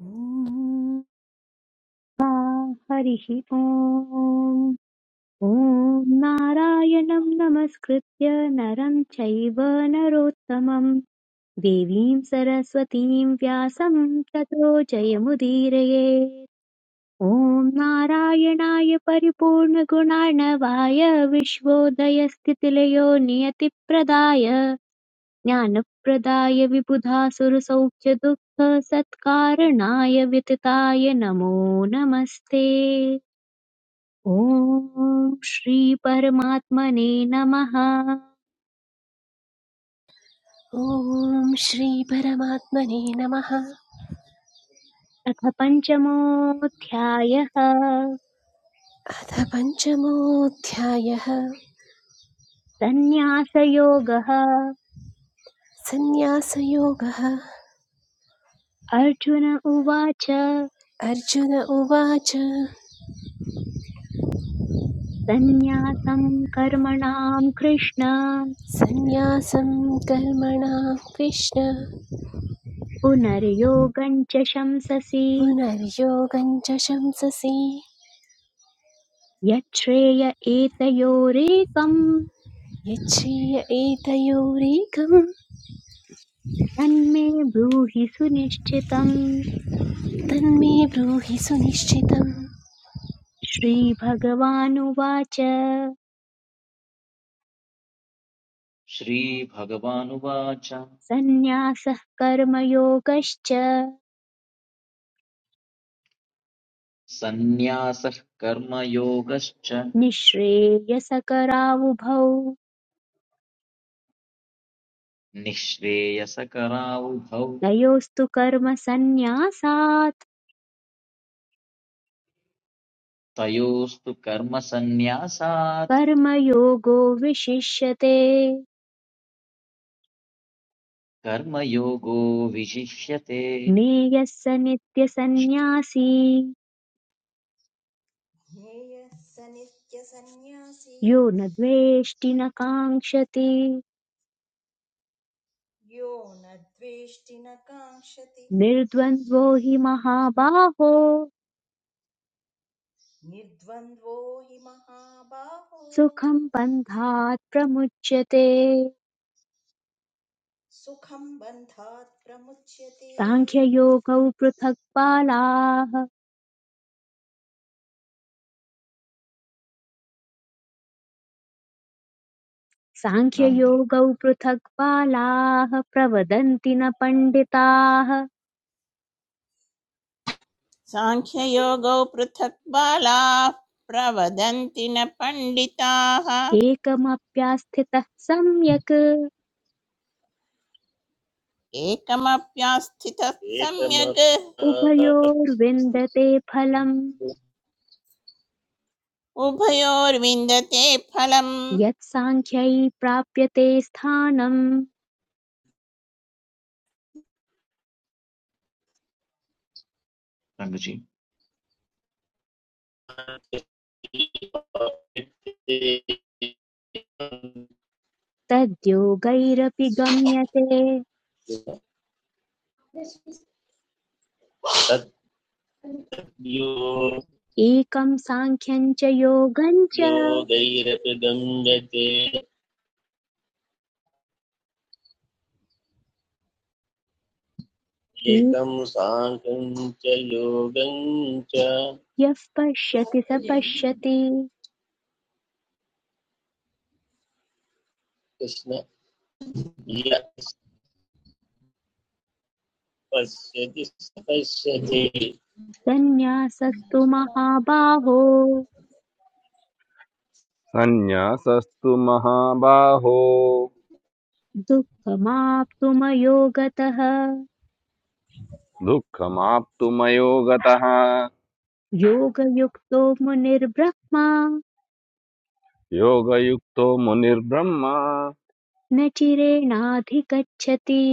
ॐ सा हरिः ॐ ॐ नारायणं नमस्कृत्य नरं चैव नरोत्तमं देवीं सरस्वतीं व्यासं ततो जयमुदीरये ॐ नारायणाय परिपूर्णगुणार्णवाय विश्वोदयस्थितिलयो नियतिप्रदाय ज्ञानप्रदाय विबुधासुरसौख्यदुःखसत्कारणाय वितताय नमो नमस्ते ॐ श्रीपरमात्मने नमः ॐ श्री परमात्मने नमः अथ पञ्चमोऽध्यायः अथ पञ्चमोऽध्यायः सन्न्यासयोगः सन्न्यासयोगः अर्जुन उवाच अर्जुन उवाच सन्न्यासं कर्मणां कृष्ण सन्न्यासं कर्मणा कृष्ण पुनर्योगं च शंससि पुनर्योगं च शंससि यच्छ्रेय एतयोरेकम् यच्छ्रेय एतयोरेकं तन्मे ब्रूहि सुनिश्चितम् तन्मे ब्रूहि सुनिश्चितं श्रीभगवानुवाच श्रीभगवानुवाच सन्न्यासः कर्मयोगश्च सन्न्यासः कर्मयोगश्च निःश्रेयसकरावुभौ निःश्रेयसकरावुभौ नयोस्तु कर्मसन्न्यासात् तयोस्तु कर्मसन्न्यासात् कर्मयोगो विशिष्यते कर्मयोगो विशिष्यते ज्ञेयः स नित्यसन्न्यासी ज्ञेयः स नित्यसन्न्यासी यो न द्वेष्टि न काङ्क्षति यो न द्वेष्टि न काङ्क्षति निर्द्वन्द्वो हि महाबाहो निर्द्वन्द्वो हि महाबाहो सुखं बन्धात् प्रमुच्यते सुखं बन्धात् प्रमुच्यते साङ्ख्ययोगौ पृथक् बालाः रङ्गजी साङ्ख्ययोगौ पृथक् बालाः प्रवदन्ति न पण्डिताः सांख्ययोगो पृथक् बालाः प्रवदन्ति न पण्डिताः एकमप्यास्थितः सम्यक् एकमप्यास्थितः सम्यग् उभयोर्विन्दते फलम् उभयोर्विन्दते फलम् यत् साङ्ख्यै प्राप्यते स्थानम् रङ्गजी योगैरपि तद्योगैरपि गम्यते एकं साङ्ख्यं च योगं च गम्यते एकं साङ्ख्यं च योगं च यः पश्यति स पश्यति कृष्ण य पश्यति स पश्यति सन्न्यासस्तु महाबाहो सन्न्यासस्तु महाबाहो दुःखमाप्तुमयोगतः दुःखमाप्तुमयो गतः योगयुक्तो मुनिर्ब्रह्मा योगयुक्तो मुनिर्ब्रह्म न चिरेणाधिगच्छति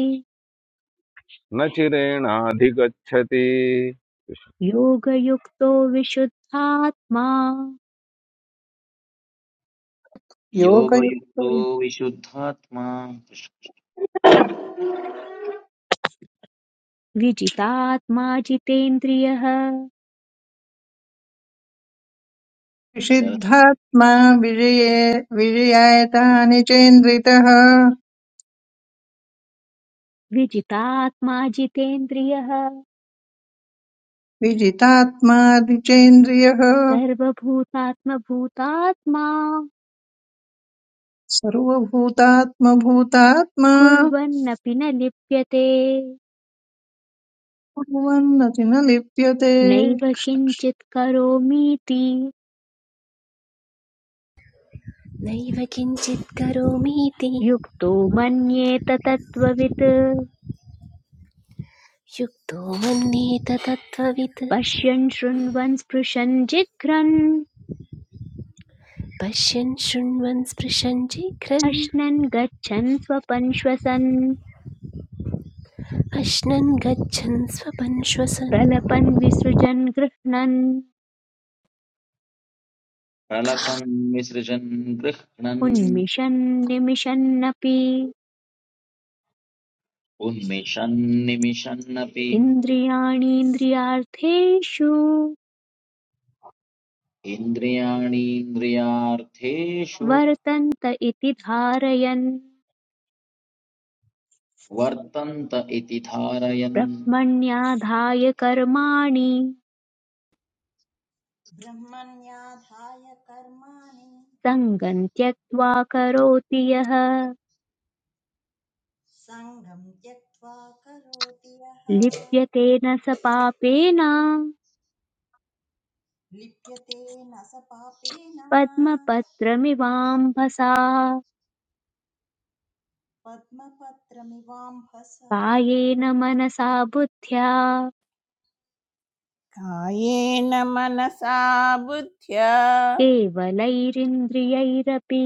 न चिरेणाधिगच्छति योगयुक्तो विशुद्धात्मा योगयुक्तो योगयुक्तो विशुद्धात्मा विजितात्मा जितेन्द्रियः विशिद्धात्मा विजये विजयायतानि चेन्द्रितः विजितात्मा जितेन्द्रियः विजितात्मादिचेन्द्रियः सर्वभूतात्मभूतात्मा सर्वभूतात्मभूतात्मा कुर्वन्नपि न लिप्यते कुर्वन्नति न लिप्यते नैव किञ्चित् करोमीति नैव किञ्चित् करोमीति युक्तो मन्येत तत्त्ववित् युक्तो मन्येत तत्त्ववित् पश्यन् शृण्वन् स्पृशन् जिघ्रन् पश्यन् शृण्वन् स्पृशन् जिघ्रन् अश्नन् गच्छन् स्वपन् श्वसन् अश्नन् गच्छन् स्वपन् श्वसन् प्रलपन् विसृजन् गृह्णन् सरलपं विसृजन् गृह्णन् उन्मिषन् निमिषन्नपि उन्मिषन् निमिषन्नपि इन्द्रियाणीन्द्रियार्थेषु इन्द्रियाणीन्द्रियार्थेषु वर्तन्त इति धारयन् वर्तन्त इति धारयन् ब्रह्मण्याधाय कर्माणि ब्रह्मण्याधाय कर्माणि सङ्गं त्यक्त्वा करोति यः सङ्गं त्यक्त्वा करोति यः लिप्यते न स पापेन लिप्यते न स पापेन पद्मपत्रमिवाम्भसा पद्मपत्रमिवाम्भसा कायेन मनसा बुद्ध्या कायेन मनसा बुद्ध्या केवलैरिन्द्रियैरपि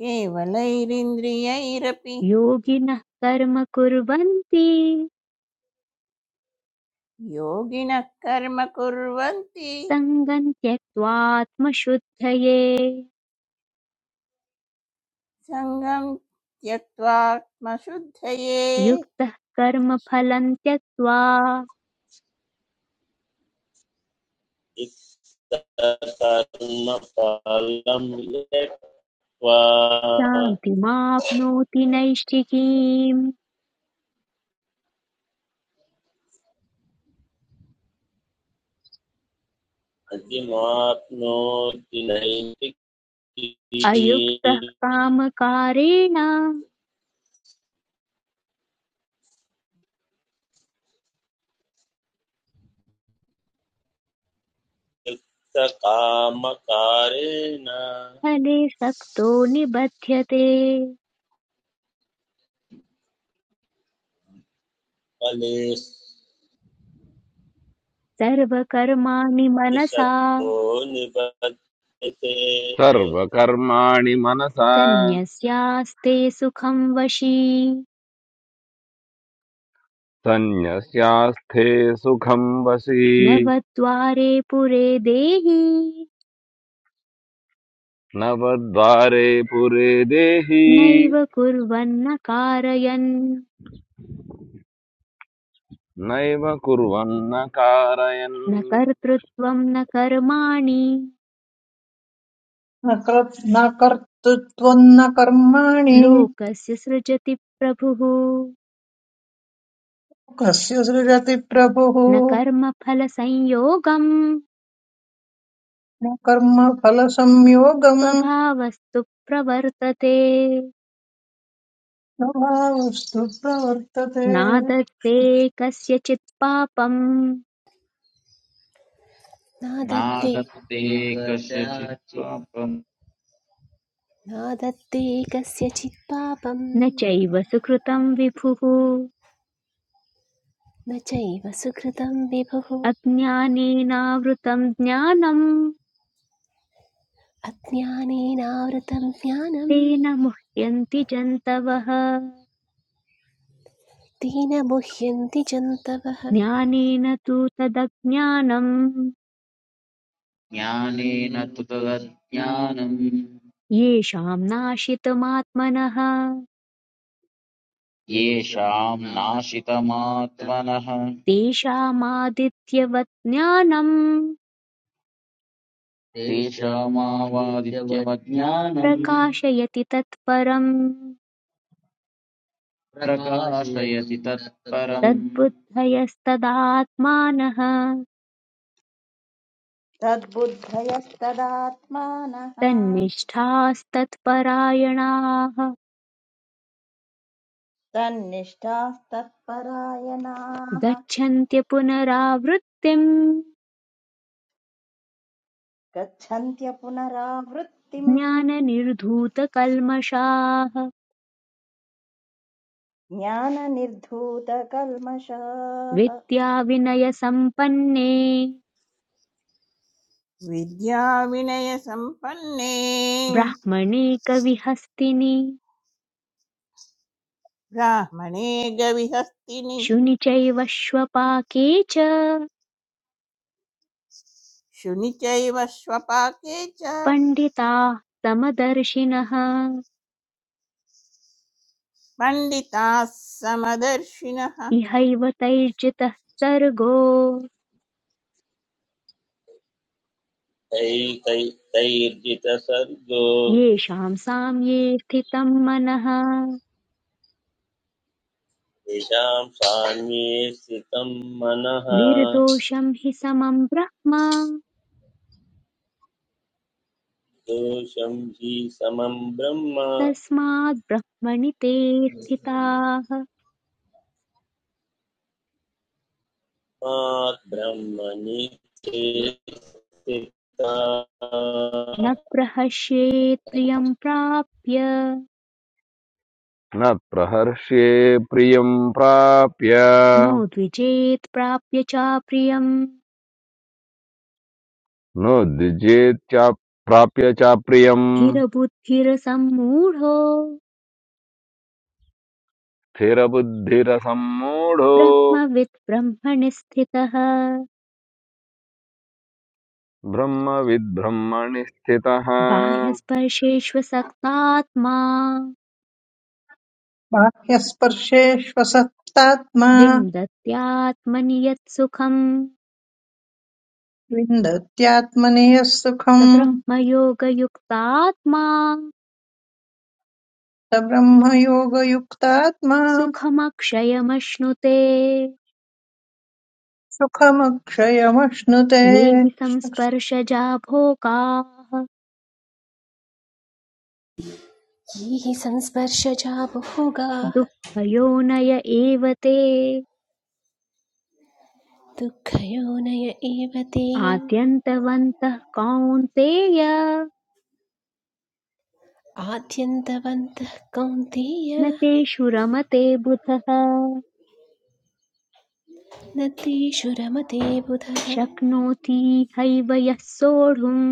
केवलैरिन्द्रियैरपि योगिनः कर्म कुर्वन्ति योगिनः कर्म कुर्वन्ति सङ्गं त्यक्त्वात्मशुद्धये सङ्गं त्यक्त्वात्मशुद्धये युक्तः कर्मफलं त्यक्त्वा कर्मफलं यक्त्वा शान्तिमाप्नोति नैष्ठिकीम् अतिमाप्नोति अयुक्तः नैतिकी कामकारेण कामकारेण फले सक्तो निबध्यते कलेशतो सर्वकर्माणि मनसा निबध्यते सर्वकर्माणि मनसा सन्न्यस्यास्ते सुखं वशी सन्न्यस्यास्थे सुखं वसि नवद्वारे पुरे देहि नवद्वारे पुरे देहि नैव कुर्वन्न कारयन् नैव कुर्वन्न कारयन् न कर्तृत्वं न कर्माणि न कर्- न कर्तृत्वं न कर्माणि लोकस्य सृजति प्रभुः कस्य सृजति प्रभुः न कर्मफलसंयोगम् न कर्मफलसंयोगं स्वभावस्तु प्रवर्तते न वा वस्तु प्रवर्तते नादत्ते कस्यचित् पापम् न दत्ते नागत्ते कस्यचित् पापम् न दत्ते कस्यचित् पापं न चैव सुकृतम् विभुः न चैव सुकृतं विभुः अज्ञानेनावृतम् ज्ञानम् अज्ञानेनावृतं ज्ञानं तेन मुह्यन्ति जन्तवः तेन मुह्यन्ति जन्तवः ज्ञानेन तु तदज्ञानम् ज्ञानेन तु तदज्ञानम् येषाम् नाशितमात्मनः येषाम् नाशितमात्मनः तेषामादित्यवत् ज्ञानम् तेषामावादित्यवज्ञानम् प्रकाशयति तत्परम् प्रकाशयति तत्परम् तद्बुद्धयस्तदात्मानः तद्बुद्धयस्तदात्मानः तन्निष्ठास्तत्परायणाः तन्निष्ठास्तत्परायणाः गच्छन्त्य पुनरावृत्तिम् गच्छन्त्य पुनरावृत्तिम् ज्ञाननिर्धूतकल्मषाः ज्ञाननिर्धूतकल्मषाः विद्याविनयसम्पन्ने विद्याविनयसम्पन्ने ब्राह्मणे कविहस्तिनि ब्राह्मणे गविहस्तिनि शुनि चैव श्वपाके च शुनि चैव स्वपाके च पण्डिताः समदर्शिनः पण्डिताः समदर्शिनः इहैव तैर्जितः सर्गो तै- तै- तैर्जितसर्गो येषाम् साम्ये स्थितम् मनः येषां साम्ये स्थितं मनः निर्दोषं हि समं ब्रह्म दोषं हि समं ब्रह्म तस्माद्ब्रह्मणि ते स्थिताः मात् ब्रह्मणि स्थिता न प्रहस्येत् प्रियं प्राप्य न प्रहर्ष्ये प्रियं प्राप्य नो द्विजेत् प्राप्य चाप्रियम् नोद्विजेत्याप्राप्य च प्रियम् हिरबुद्धिरसम्मूढो स्थिरबुद्धिरसम्मूढो ब्रह्मवित् ब्रह्मणि स्थितः ब्रह्मविद्ब्रह्मणि स्थितः बाह्यस्पर्शेष्वसक्तात्मा बाह्यस्पर्शेष्वसक्तात्मा विन्दत्यात्मनि यत् सुखम् विन्दत्यात्मनेः स सुखम् ब्रह्मयोगयुक्तात्मा स ब्रह्मयोगयुक्तात्मा सुखमक्षयमश्नुते सुखमक्षयमश्नुते ये हि संस्पर्शजा भोगाः ये हि संस्पर्शजा भोगाः दुःखयोनय एव ते दुःखयोनय एव ते आद्यन्तवन्तः कौन्तेय आद्यन्तवन्तः न कौन्तेय तेषु रमते बुधः न तेषु रमते बुधः शक्नोति हैव यः सोढुम्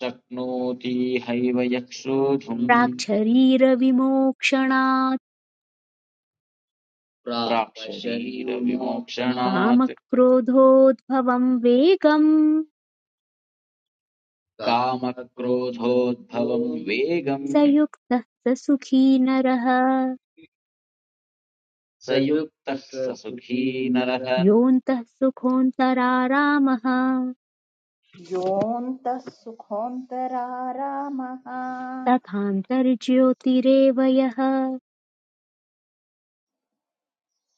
शक्नोति हैव यक्षोधुम् प्राक्शरीरविमोक्षणात् प्राक्शरीरविमोक्षणात् कामक्रोधोद्भवम् वेगम् कामक्रोधोद्भवम् स वेगम् युक्तः स सुखी नरः स युक्तः स सुखी नरः योऽन्तः सुखोऽन्तरारामः योऽन्तः सुखोऽन्तरारामः तथान्तर्ज्योतिरेव यः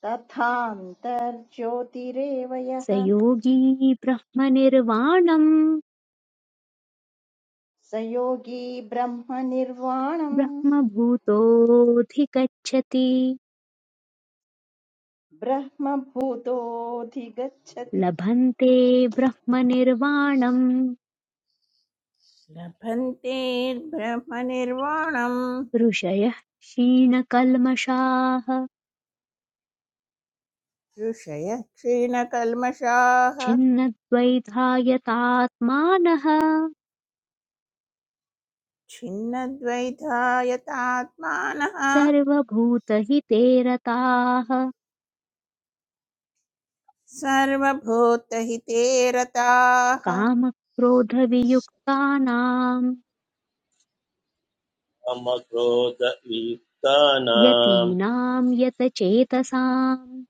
तथान्तर्ज्योतिरेव स यः योगी ब्रह्मनिर्वाणम् स योगी ब्रह्मनिर्वाणम् ब्रह्मभूतोऽधिगच्छति ब्रह्मभूतोऽधिगच्छति लभन्ते ब्रह्मनिर्वाणम् लभन्ते ब्रह्मनिर्वाणम् ऋषयः क्षीणकल्मषाः ऋषयः क्षीणकल्मषाः छिन्नद्वैधायतात्मानः छिन्नद्वैधायतात्मानः सर्वभूतहिते रताः सर्वभूतहिते रताः कामक्रोधवियुक्तानाम् मम क्रोध यतीनां यतचेतसाम्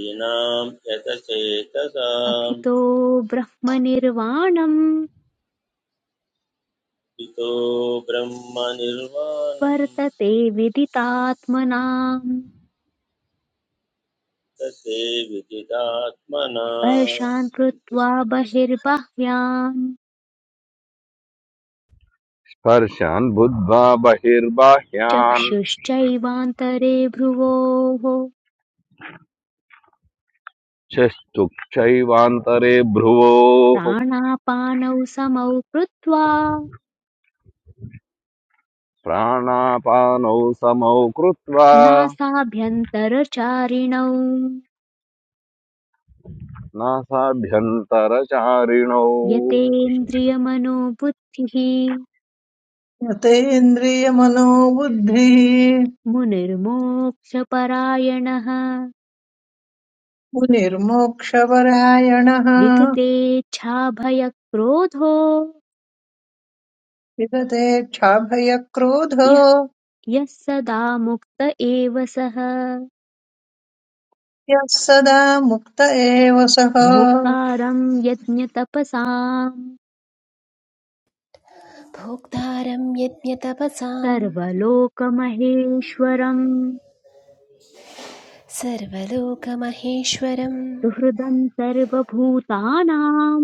ीनां यतचेतसां अभितो ब्रह्मनिर्वाणं हितो ब्रह्मनिर्वाणं वर्तते विदितात्मनाम् तसे विदितात्मना स्पर्शान् कृत्वा कृष्ण कृष्ण। बहिर्बाह्यान् स्पर्शान् बुद्ध्वा बहिर्बाह्यान् चक्षुश्चैवान्तरे भ्रुवोः चक्षुक्षैवान्तरे भ्रुवोः प्राणापानौ समौ कृत्वा प्राणापानौ समौ कृत्वा नासाभ्यन्तरचारिणौ नासाभ्यन्तरचारिणौ यतेन्द्रियमनोबुद्धिः यतेन्द्रियमनोबुद्धिः मुनिर्मोक्षपरायणः मुनिर्मोक्षपरायणः विगतेच्छाभयक्रोधो विगते क्षाभयक्रोधो यः यः सदा मुक्त एव सः यः सदा मुक्त एव सः भोक्तारं यज्ञतपसाम् भोक्तारं यज्ञतपसाम् सर्वलोकमहेश्वरम् सर्वलोकमहेश्वरं सुहृदं सर्वभूतानां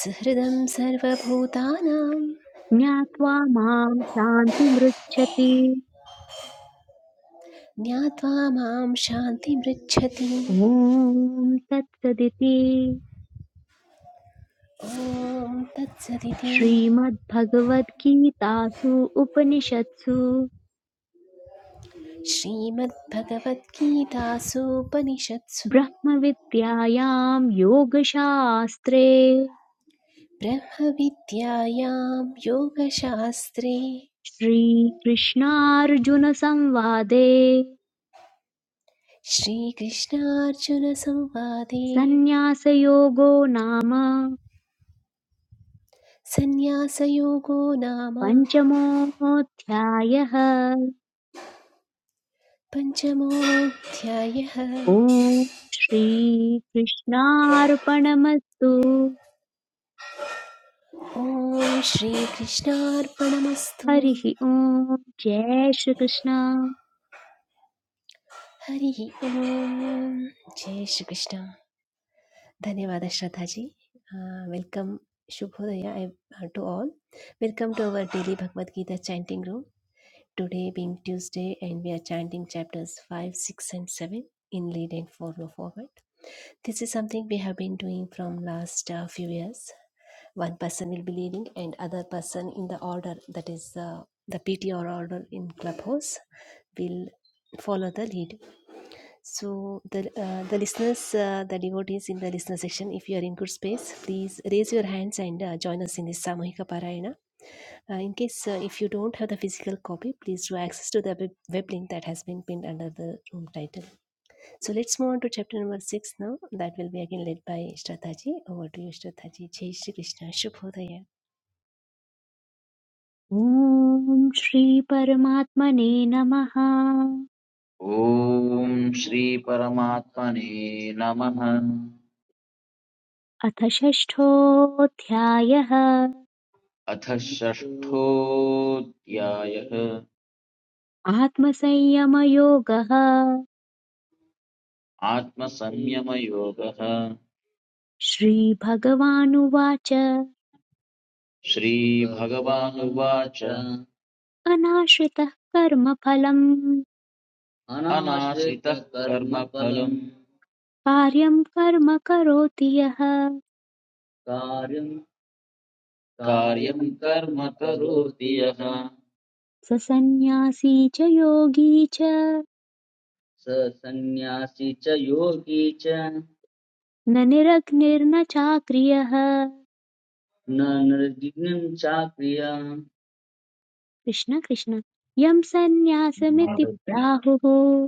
सुहृदं सर्वभूतानां ज्ञात्वा मां शान्तिमृच्छति ज्ञात्वा मां शान्तिमृच्छति ॐ तत्सदिति ॐ तत्सदिति श्रीमद्भगवद्गीतासु उपनिषत्सु श्रीमद्भगवद्गीतासूपनिषत्सु ब्रह्मविद्यायां योगशास्त्रे ब्रह्मविद्यायां योगशास्त्रे श्रीकृष्णार्जुनसंवादे श्रीकृष्णार्जुनसंवादे सन्न्यासयोगो नाम सन्न्यासयोगो नाम पञ्चमोऽध्यायः पञ्चमोऽध्यायः ॐ श्रीकृष्णार्पणमस्तु Om Shri Krishnaar Namasthu हरिः ॐ जय Shri Krishna Hari Om Jai Shri Krishna. Thank you for the Shradha ji. Welcome, Shubho Deya, to all. Welcome to our daily Bhagavad Gita chanting room. Today being Tuesday, and we are chanting chapters five, six, and seven in leading forward. This is something we have been doing from last uh, few years. One person will be leading, and other person in the order that is the the P.T. or order in clubhouse. will follow the lead. So, the, uh, the listeners, uh, the devotees in the listener section, if you are in good space, please raise your hands and uh, join us in this Samuhika Parayana. Uh, in case uh, if you don't have the physical copy, please do access to the web, web link that has been pinned under the room title. So, let's move on to chapter number six now. That will be again led by Shraddhaji. Over to you, Shraddhaji. Jai Shri Krishna. Shubhodaya. ॐ श्रीपरमात्मने नमः ॐ श्रीपरमात्मने नमः अथ षष्ठोऽध्यायः अथ षष्ठोऽध्यायः आत्मसंयमयोगः आत्मसंयमयोगः श्रीभगवानुवाच श्रीभगवानुवाच अनाश्रितः कर्मफलम् अनाश्रितः कर्मफलम् कार्यं कर्म करोति यः कार्यं कार्यं कर्म करोति यः स सन्न्यासी च योगी च स सन्न्यासी च योगी च न निरग्निर्न चाक्रियः न निर्विघ्नं चाक्रिया कृष्ण कृष्ण यं सन्न्यासमिति प्राहुः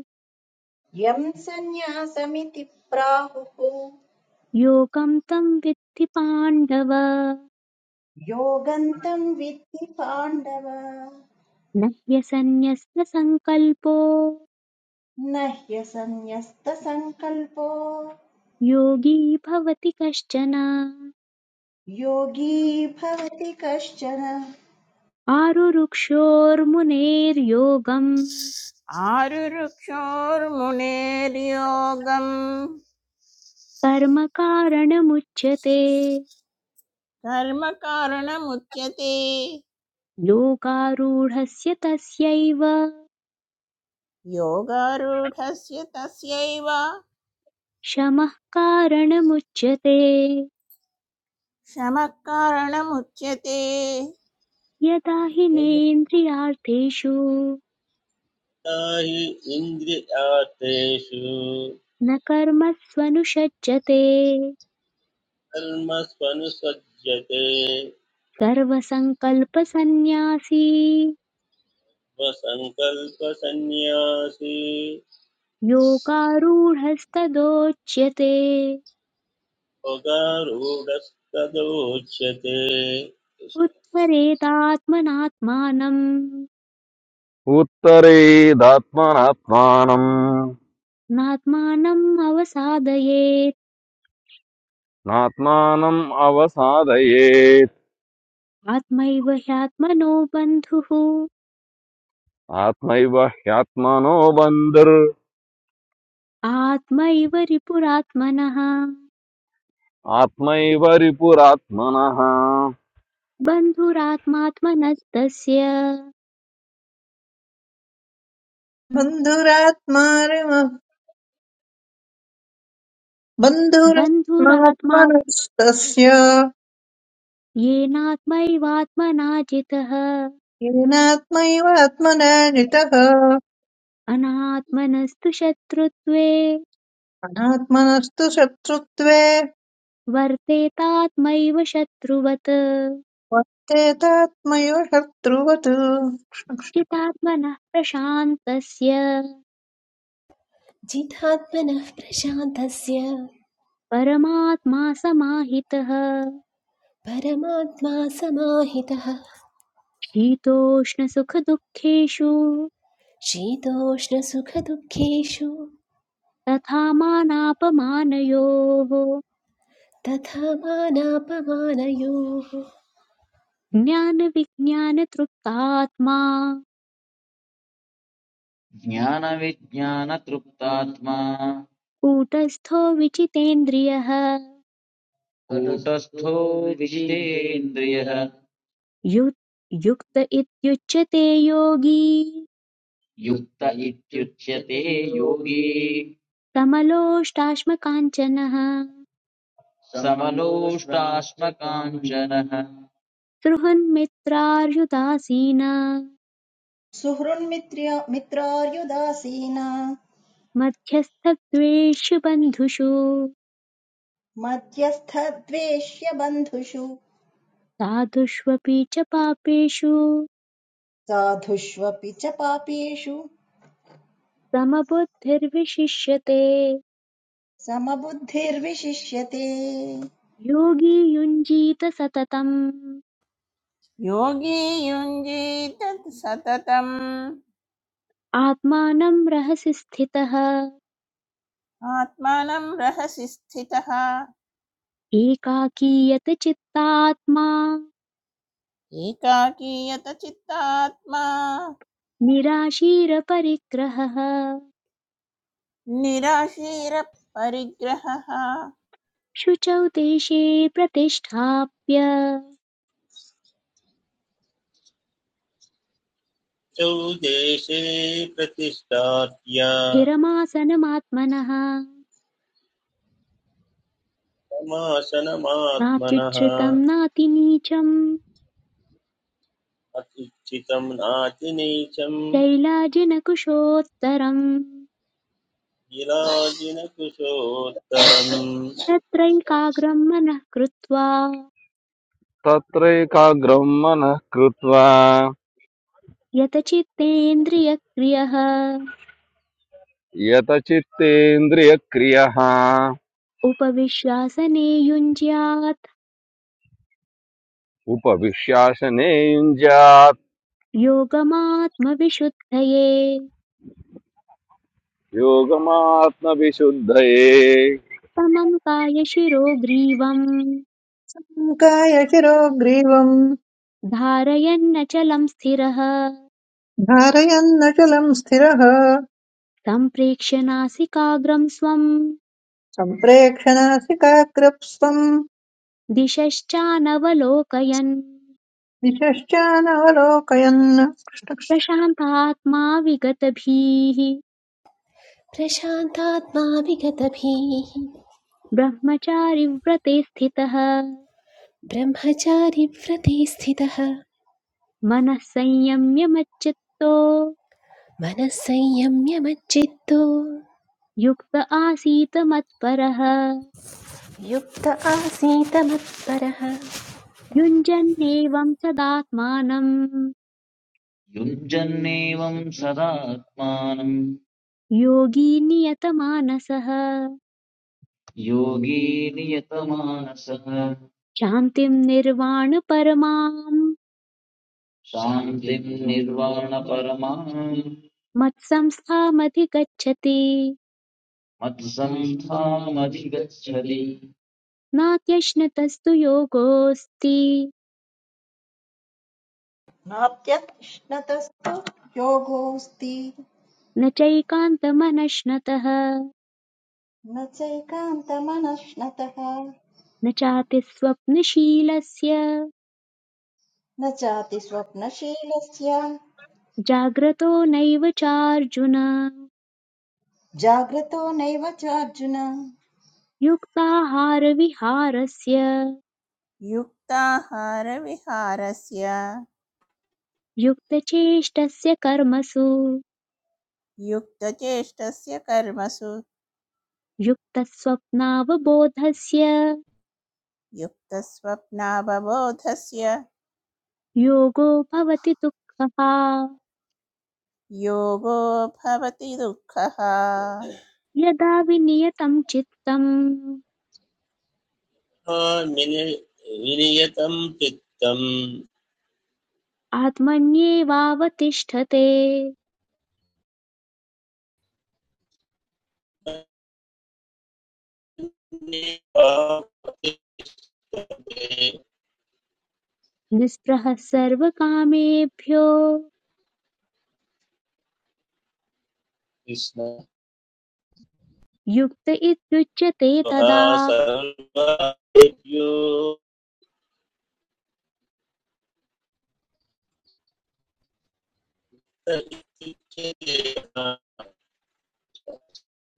यम् सन्न्यासमिति प्राहुः योगं तं विद्धि पाण्डव योगन्तं विद्धि पाण्डव न ह्यसन्न्यस्तसङ्कल्पो न ह्यसन्न्यस्तसङ्कल्पो योगी भवति कश्चन योगी भवति कश्चन आरुरुक्षोर्मुनेर्योगं आरुरुक्षोर्मुनेर्योगम् कर्म कारणमुच्यते कर्म कारणमुच्यते योगारूढस्य तस्यैव योगारूढस्य तस्यैव शमः कारणमुच्यते शमः कारणमुच्यते यदा हि यदा नेन्द्रियार्थेषु हि इन्द्रियार्थेषु न कर्मस्वनुषज्जते कर्मस्वनुसज्जते सर्वसङ्कल्पसन्न्यासी स्वसङ्कल्पसन्न्यासी योगारूढस्तदोच्यते स्वगारूढस्तदोच्यते कृष्ण। उत्तरेतात्मनात्मानम् उत्तरेदात्मनात्मानम् नात्मानम् अवसादयेत् नात्मानम् अवसादये आत्मैव ह्यात्मनो बन्धुः आत्मैव ह्यात्मनो बन्धुर् आत्मैव रिपुरात्मनः आत्मैव रिपुरात्मनः बन्धुरात्मात्मनस्तस्य बन्धुरात्मा बन्धुरात्मा बन्धुरात्मात्मनस्तस्य येनात्मैवात्मना जितः येनात्मैव आत्मना जितः अनात्मनस्तु शत्रुत्वे अनात्मनस्तु शत्रुत्वे वर्तेतात्मैव शत्रुवत् वर्तेतात्मैव शत्रुवत् चितात्मनः प्रशान्तस्य जितात्मनः प्रशान्तस्य परमात्मा समाहितः परमात्मा समाहितः शीतोष्णसुखदुःखेषु शीतोष्णसुखदुःखेषु तथा मानापमानयोः तथा मानापमानयोः ज्ञानविज्ञानतृप्तात्मा ज्ञानविज्ञानतृप्तात्मा कूटस्थो विचितेन्द्रियः कूटस्थो विजितेन्द्रियः यु- युक्त इत्युच्यते योगी युक्त इत्युच्यते योगी समलोष्टाश्मकाञ्चनः समलोष्टाश्मकाञ्चनः सृहन्मित्रार्युदासीन सुहृन्मित्र्य मित्रार्युदासीना मध्यस्थद्वेषु बन्धुषु मध्यस्थद्वेष्य बन्धुषु साधुष्वपि च पापेषु साधुष्वपि च पापेषु समबुद्धिर्विशिष्यते समबुद्धिर्विशिष्यते योगी युञ्जीत सततम् योगी युञ्जीत सततम् आत्मानं रहसि स्थितः आत्मानं रहसि स्थितः एकाकीयत चित्तात्मा एकाकीयत चित्तात्मा निराशीरपरिग्रहः निराशीरपरिग्रहः शुचौ देशे प्रतिष्ठाप्य चौ देशे प्रतिष्ठात्य स्थिरमासनमात्मनः समासनमात्मनः नात्युच्छ्रितम् नातिनीचम् अत्युचितं नातिनीचं शैलाजिनकुशोत्तरम् विलाजिनकुशोत्तरम् तत्रैकाग्रम् मनः कृत्वा तत्रैकाग्रम् मनः कृत्वा यतचित्तेन्द्रियक्रियः यतचित्तेन्द्रियक्रियः उपविश्यासने युञ्ज्यात् उपविश्यासने युञ्ज्यात् योगमात्मविशुद्धये योगमात्मविशुद्धये समं कायशिरो ग्रीवम् कायशिरो ग्रीवम् धारयन्नचलं स्थिरः धारयन्नचलम् स्थिरः सम्प्रेक्ष्य नासिकाग्रं स्वम् सम्प्रेक्षणासिकाग्रप्स्वम् दिशश्चानवलोकयन् दिशश्चानवलोकयन् प्रशान्तात्मा विगतभीः प्रशान्तात्मा विगतभिः ब्रह्मचारिव्रते स्थितः ब्रह्मचारिव्रते स्थितः मनः संयम्य मच्चित्तो मनः संयम्य मच्चित्तो युक्त आसीत् मत्परः युक्त आसीत मत्परः युञ्जन्नेवं सदात्मानं युञ्जन्नेवम् सदात्मानम् योगी नियतमानसः योगी नियतमानसः शान्तिं निर्वाणपरमां शान्तिम् निर्वाणपरमाम् मत्संस्थामधिगच्छति मत्सन्धामधिगच्छति नात्यश्नतस्तु योगोऽस्ति नात्यश्नतस्तु योगोऽस्ति न चैकान्तमनश्नतः न चैकान्तमनश्नतः न चापि स्वप्नशीलस्य न चाति स्वप्नशीलस्य जाग्रतो नैव चार्जुन जाग्रतो नैव चार्जुन युक्ताहारविहारस्य युक्ताहारविहारस्य युक्तचेष्टस्य कर्मसु युक्तचेष्टस्य कर्मसु युक्तस्वप्नावबोधस्य युक्तस्वप्नावबोधस्य योगो भवति दुःखः योगो भवति दुःखः यदा विनियतं चित्तम् आमिनि- विनियतं चित्तम् आत्मन्येवावतिष्ठते निःस्पृहः सर्वकामेभ्यो कृष्ण युक्त इत्युच्यते स्वहा तदा सर्वेभ्यो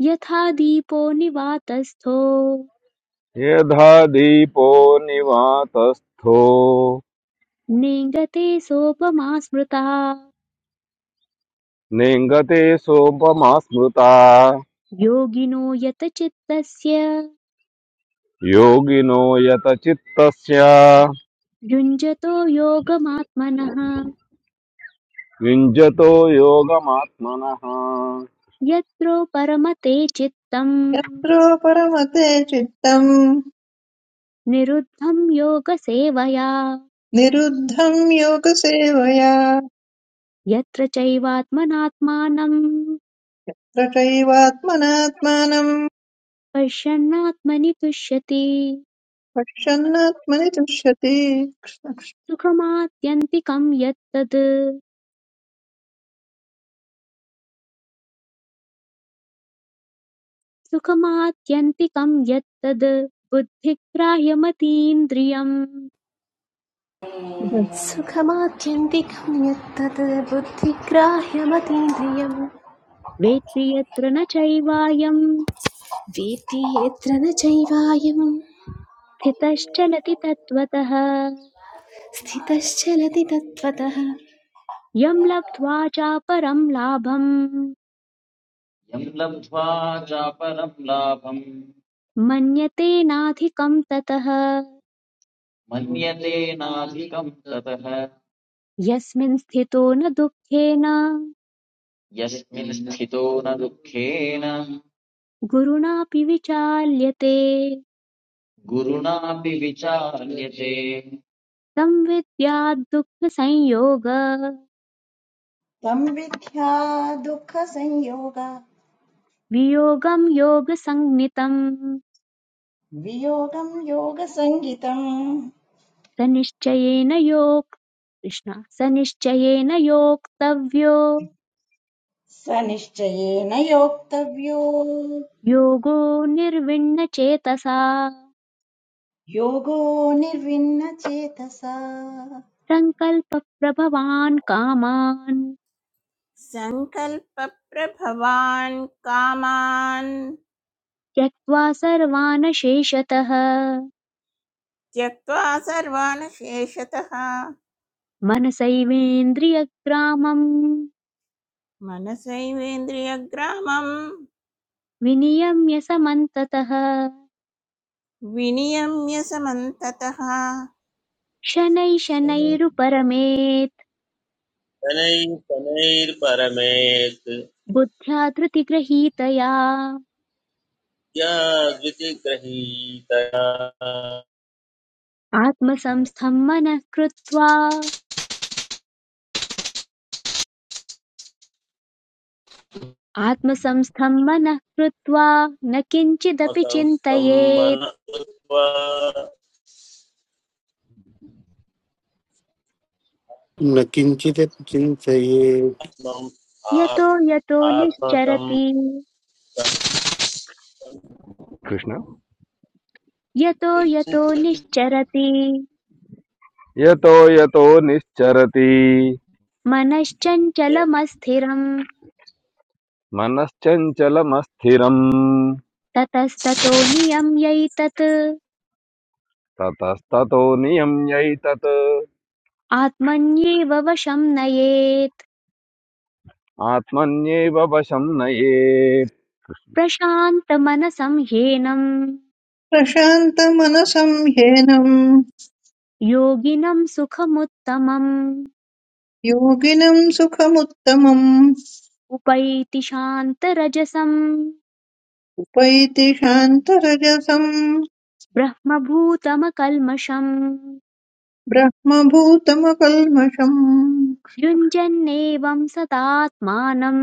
यथा दीपो निवातस्थो यथा दीपो निवातस्थो नेङ्गते सोपमा स्मृता नेङ्गते सोपमा स्मृता योगिनो यत चित्तस्य योगिनो यतचित्तस्य युञ्जतो योगमात्मनः युञ्जतो योगमात्मनः यत्रो परमते चित्तम् यत्रो परमते चित्तम् निरुद्धं योगसेवया निरुद्धम् योगसेवया यत्र चैवात्मनात्मानम् रचैवात्मनात्मानम् पश्यन्नात्मनि तुष्यति पश्यन्नात्मनि तुष्यति सुखमात्यन्तिकं यत्तद् सुखमात्यन्तिकं यत्तद् बुद्धिग्राह्यमतीन्द्रियम् सुखमात्यन्तिकं यत्तत् बुद्धिग्राह्यमतीन्द्रियं वेत्ति यत्र न चैवायम् वेत्ति यत्र न चैवायं स्थितश्चलति तत्त्वतः स्थितश्चलति तत्त्वतः यं लब्ध्वा चापरं लाभम् यम् लब्ध्वा चापरम् लाभम् मन्यते नाधिकं ततः मन्यते नाधिकम् ततः यस्मिन् स्थितो न दुःखेन यस्मिन् स्थितो न दुःखेन गुरुणापि विचाल्यते गुरुणापि विचार्यते संविद्याद्दुःखसंयोग तं विद्या दुःखसंयोग वियोगं योगसंज्ञितम् वियोगं योगसङ्गितम् स निश्चयेन योक् कृष्ण स निश्चयेन योक्तव्यो स निश्चयेन योक्तव्यो योगो निर्विण्णचेतसा योगो निर्विण्णचेतसा सङ्कल्पप्रभवान् कामान् सङ्कल्पप्रभवान् कामान् त्यक्त्वा सर्वान् शेषतः त्यक्त्वा सर्वान् शेषतः मनसैवेन्द्रियग्रामम् मनसैवेन्द्रियग्रामं विनियम्य समन्ततः विनियम्य समन्ततः शनै शनैः शनैरुपरमेत् शनैर्परमेत् बुद्ध्या धृतिगृहीतया या द्वितिगृहीतया आत्मसंस्थं मनः कृत्वा आत्मसंस्थं मनः कृत्वा न किञ्चिदपि आत्मसंस्थं मन चिन्तयेत् न किञ्चित् चिन्तयेत् यतो यतो निश्चरति कृष्ण यतो यतो निश्चरति यतो यतो निश्चरति मनश्चञ्चलमस्थिरम् मनश्चञ्चलमस्थिरम् ततस्ततो नियम्यैतत् ततस्ततो नियम्यैतत् आत्मन्येव वशं नयेत् आत्मन्येव वशं नयेत् प्रशान्तमनसं ह्येनं प्रशान्तमनसं ह्येनं योगिनं सुखमुत्तमम् योगिनं सुखमुत्तमम् उपैति शान्तरजसं उपैति शान्तरजसं ब्रह्मभूतमकल्मषम् ब्रह्मभूतमकल्मषम् युञ्जन्नेवं सतात्मानं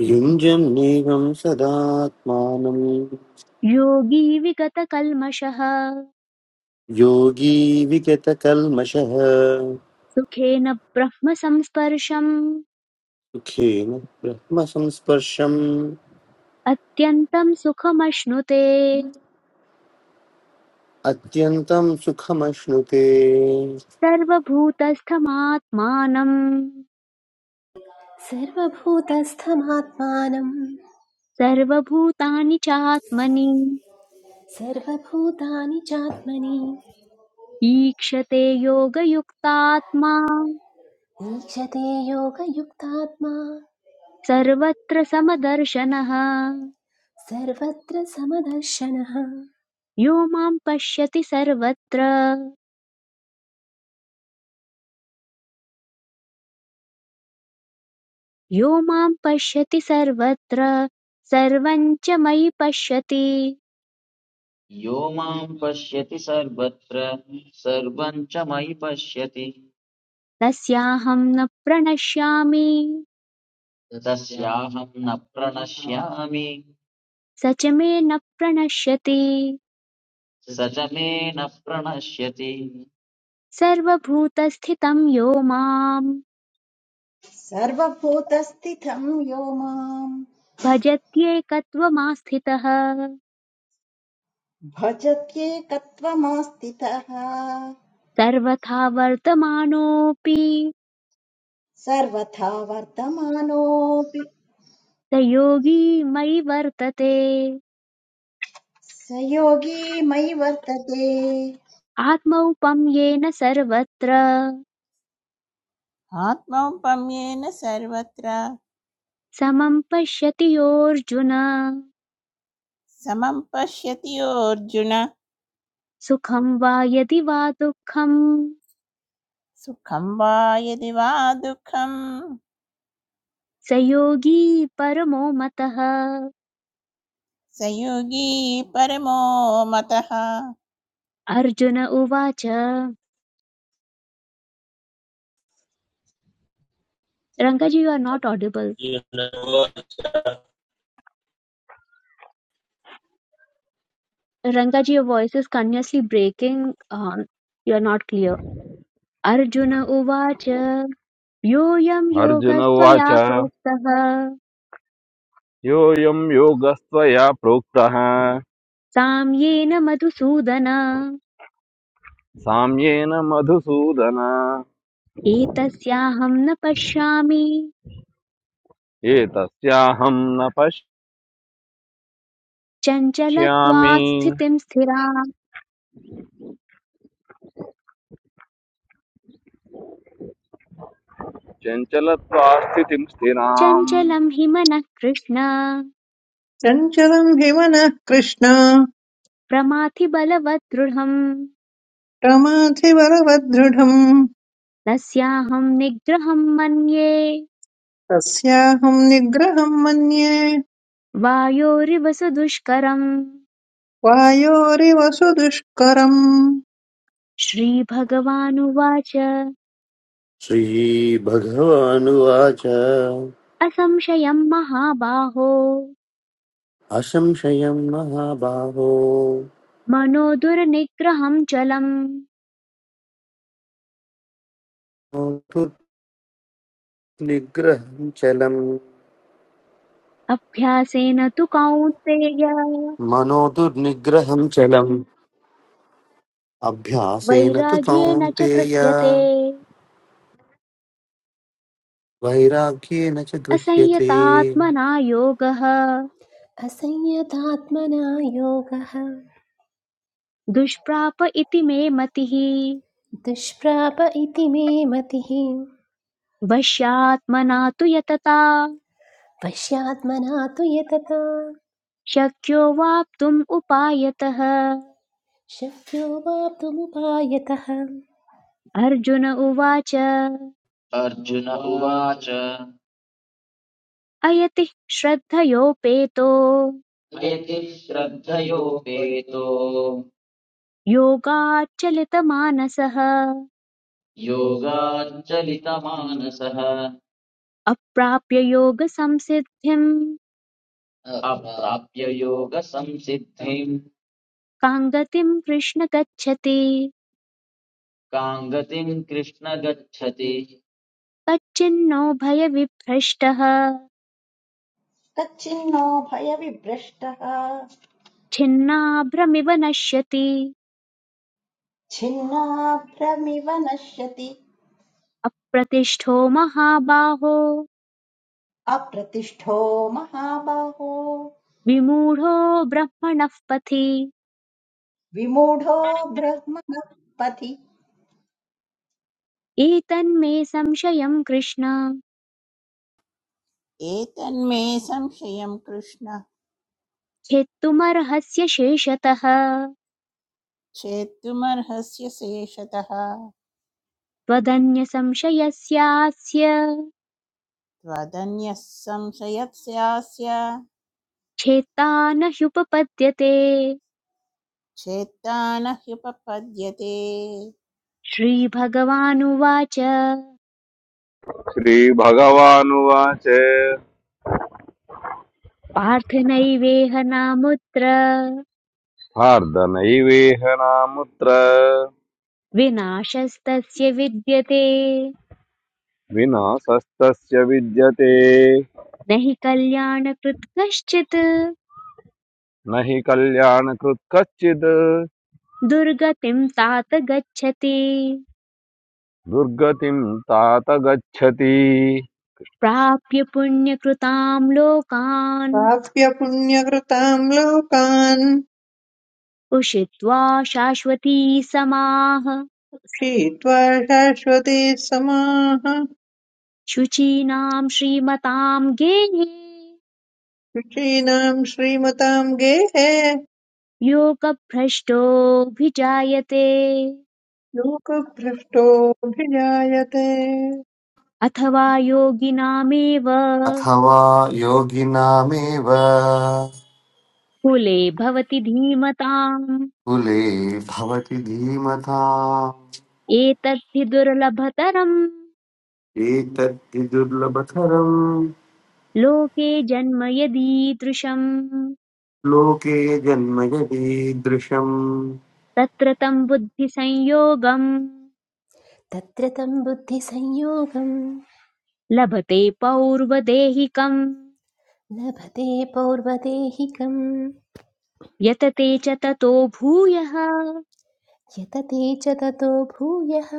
युञ्जन्नेवं सदात्मानं योगी विगतकल्मषः योगी विगतकल्मषः सुखेन ब्रह्म संस्पर्शम् सुखेन ब्रह्मसंस्पर्शम् अत्यन्तं सुखमश्नुते अत्यन्तं सुखमश्नुते सर्वभूतस्थमात्मानम् सर्वभूतस्थमात्मानं सर्वभूतानि चात्मनि सर्वभूतानि चात्मनि ईक्षते योगयुक्तात्मा ईशते योगयुक्तात्मा सर्वत्र समदर्शनः सर्वत्र समदर्शनः यो मां पश्यति सर्वत्र यो मां पश्यति सर्वत्र सर्वं च मयि पश्यति यो माम् पश्यति सर्वत्र सर्वम् च मयि पश्यति तस्याहं न प्रणश्यामि तस्याहम् न प्रणश्यामि स च मे न प्रणश्यति स च मे न प्रणश्यति सर्वभूतस्थितं यो मां सर्वभूतस्थितं यो माम् भजत्येकत्वमास्थितः भजत्येकत्वमास्थितः सर्वथा वर्तमानोऽपि सर्वथा वर्तमानोऽपि स योगी मयि वर्तते स योगी मयि वर्तते आत्मौपं येन सर्वत्र आत्मौपम्येन सर्वत्र समं पश्यति योऽर्जुन समं पश्यति अर्जुन सुखं वा यदि वा दुःखं सुखं वा यदि वा दुःखं स योगी परमो मतः स योगी परमो मतः अर्जुन उवाच Rangaji you are not audible Rangaji your voice is continuously breaking you are not clear Arjuna उवाच योऽयं अर्जुन योगस्त्वया उवाच प्रोक्तः योऽयं योगस्त्वया प्रोक्तः साम्येन मधुसूदन साम्येन मधुसूदन एतस्याहं न पश्यामि एतस्याहं न पश्यामि चञ्चलत्वात् स्थितिं स्थिरा चञ्चलत्वा स्थितिं स्थिराम् चञ्चलं हि मनः कृष्ण चञ्चलं हि मनः कृष्ण प्रमाथि बलवत् दृढम् प्रमाथिवरवदृढम् तस्याहं निग्रहं मन्ये तस्याहं निग्रहं मन्ये वायोरिव सुदुष्करम् वायोरिव सुदुष्करम् श्रीभगवानुवाच श्रीभगवानुवाच असंशयं महाबाहो असंशयं महाबाहो मनो दुर्निग्रहं चलम् मनोदुर्निग्रहं चलम् अभ्यासेन तु कौन्तेय मनोदुर्निग्रहं चलम् अभ्यासेन तु वैराग्येण च कौन्तेय गृह्यते वैराग्येन च गृह्यते असंयतात्मना योगः असंयतात्मना योगः दुष्प्राप इति मे मतिः दुष्प्राप इति मे मतिः वश्यात्मना तु यतता पश्यात्मना तु यतता शक्यो वाप्तुम् उपायतः शक्यो वाप्तुमुपायतः अर्जुन उवाच अर्जुन उवाच अयति श्रद्धयोपेतो मयति श्रद्धयोपेतो योगाच्चलितमानसः योगाञ्चलितमानसः अप्राप्य योगसंसिद्धिम् अप्राप्य योगसंसिद्धिम् कां गतिं कृष्ण गच्छति काङ्गतिम् कृष्ण गच्छति कच्चिन्नो भयविभ्रष्टः तच्छिन्नो भयविभ्रष्टः छिन्नाभ्रमिव नश्यति छिन्नाभ्रमिव नश्यति अप्रतिष्ठो महाबाहो अप्रतिष्ठो महाबाहो विमूढो ब्रह्मणः पथि विमूढो ब्रह्मणः पथि एतन्मे संशयं कृष्ण एतन्मे संशयं कृष्ण छेत्तुमर्हस्य शेषतः छेत्तुमर्हस्य शेषतः त्वदन्यसंशयस्यास्य त्वदन्यः संशयस्यास्य छेत्ता न ह्युपपद्यते छेत्ता न ह्युपपद्यते श्रीभगवानुवाच श्री भगवानुवाचः पार्थ नैवेह नामुत्र धार्दनीवेहनामुत्रं विनाशस्तस्य विद्यते विना सस्तस्य विद्यते न हि कल्याणकृत् कश्चित् नहिं कल्याणकृत कच्छद् दुर्गतिं तात गच्छति दुर्गतिम् तातगच्छति प्राप्य पुण्यकृतां लोकान् प्राप्य पुण्यकृतां लोकान् उषित्वा शाश्वती समाः क्षीत्वा शाश्वती समाः शुचीनां श्रीमतां गेहे शुचीनाम् श्रीमताम् गेहे योगभ्रष्टोऽभिजायते लोकभ्रष्टोऽभिजायते अथवा योगिनामेव अथवा योगिनामेव कुले भवति धीमताम् कुले भवति धीमता एतद्धि दुर्लभतरम् एतद्धि दुर्लभतरम् लोके जन्म यदीदृशम् लोके जन्म यदीदृशम् तत्र तं बुद्धिसंयोगम् तत्र तं बुद्धिसंयोगं लभते पौर्वदेहिकम् लभते पौर्वदेहिकं यतते च ततो भूयः यतते च ततो भूयः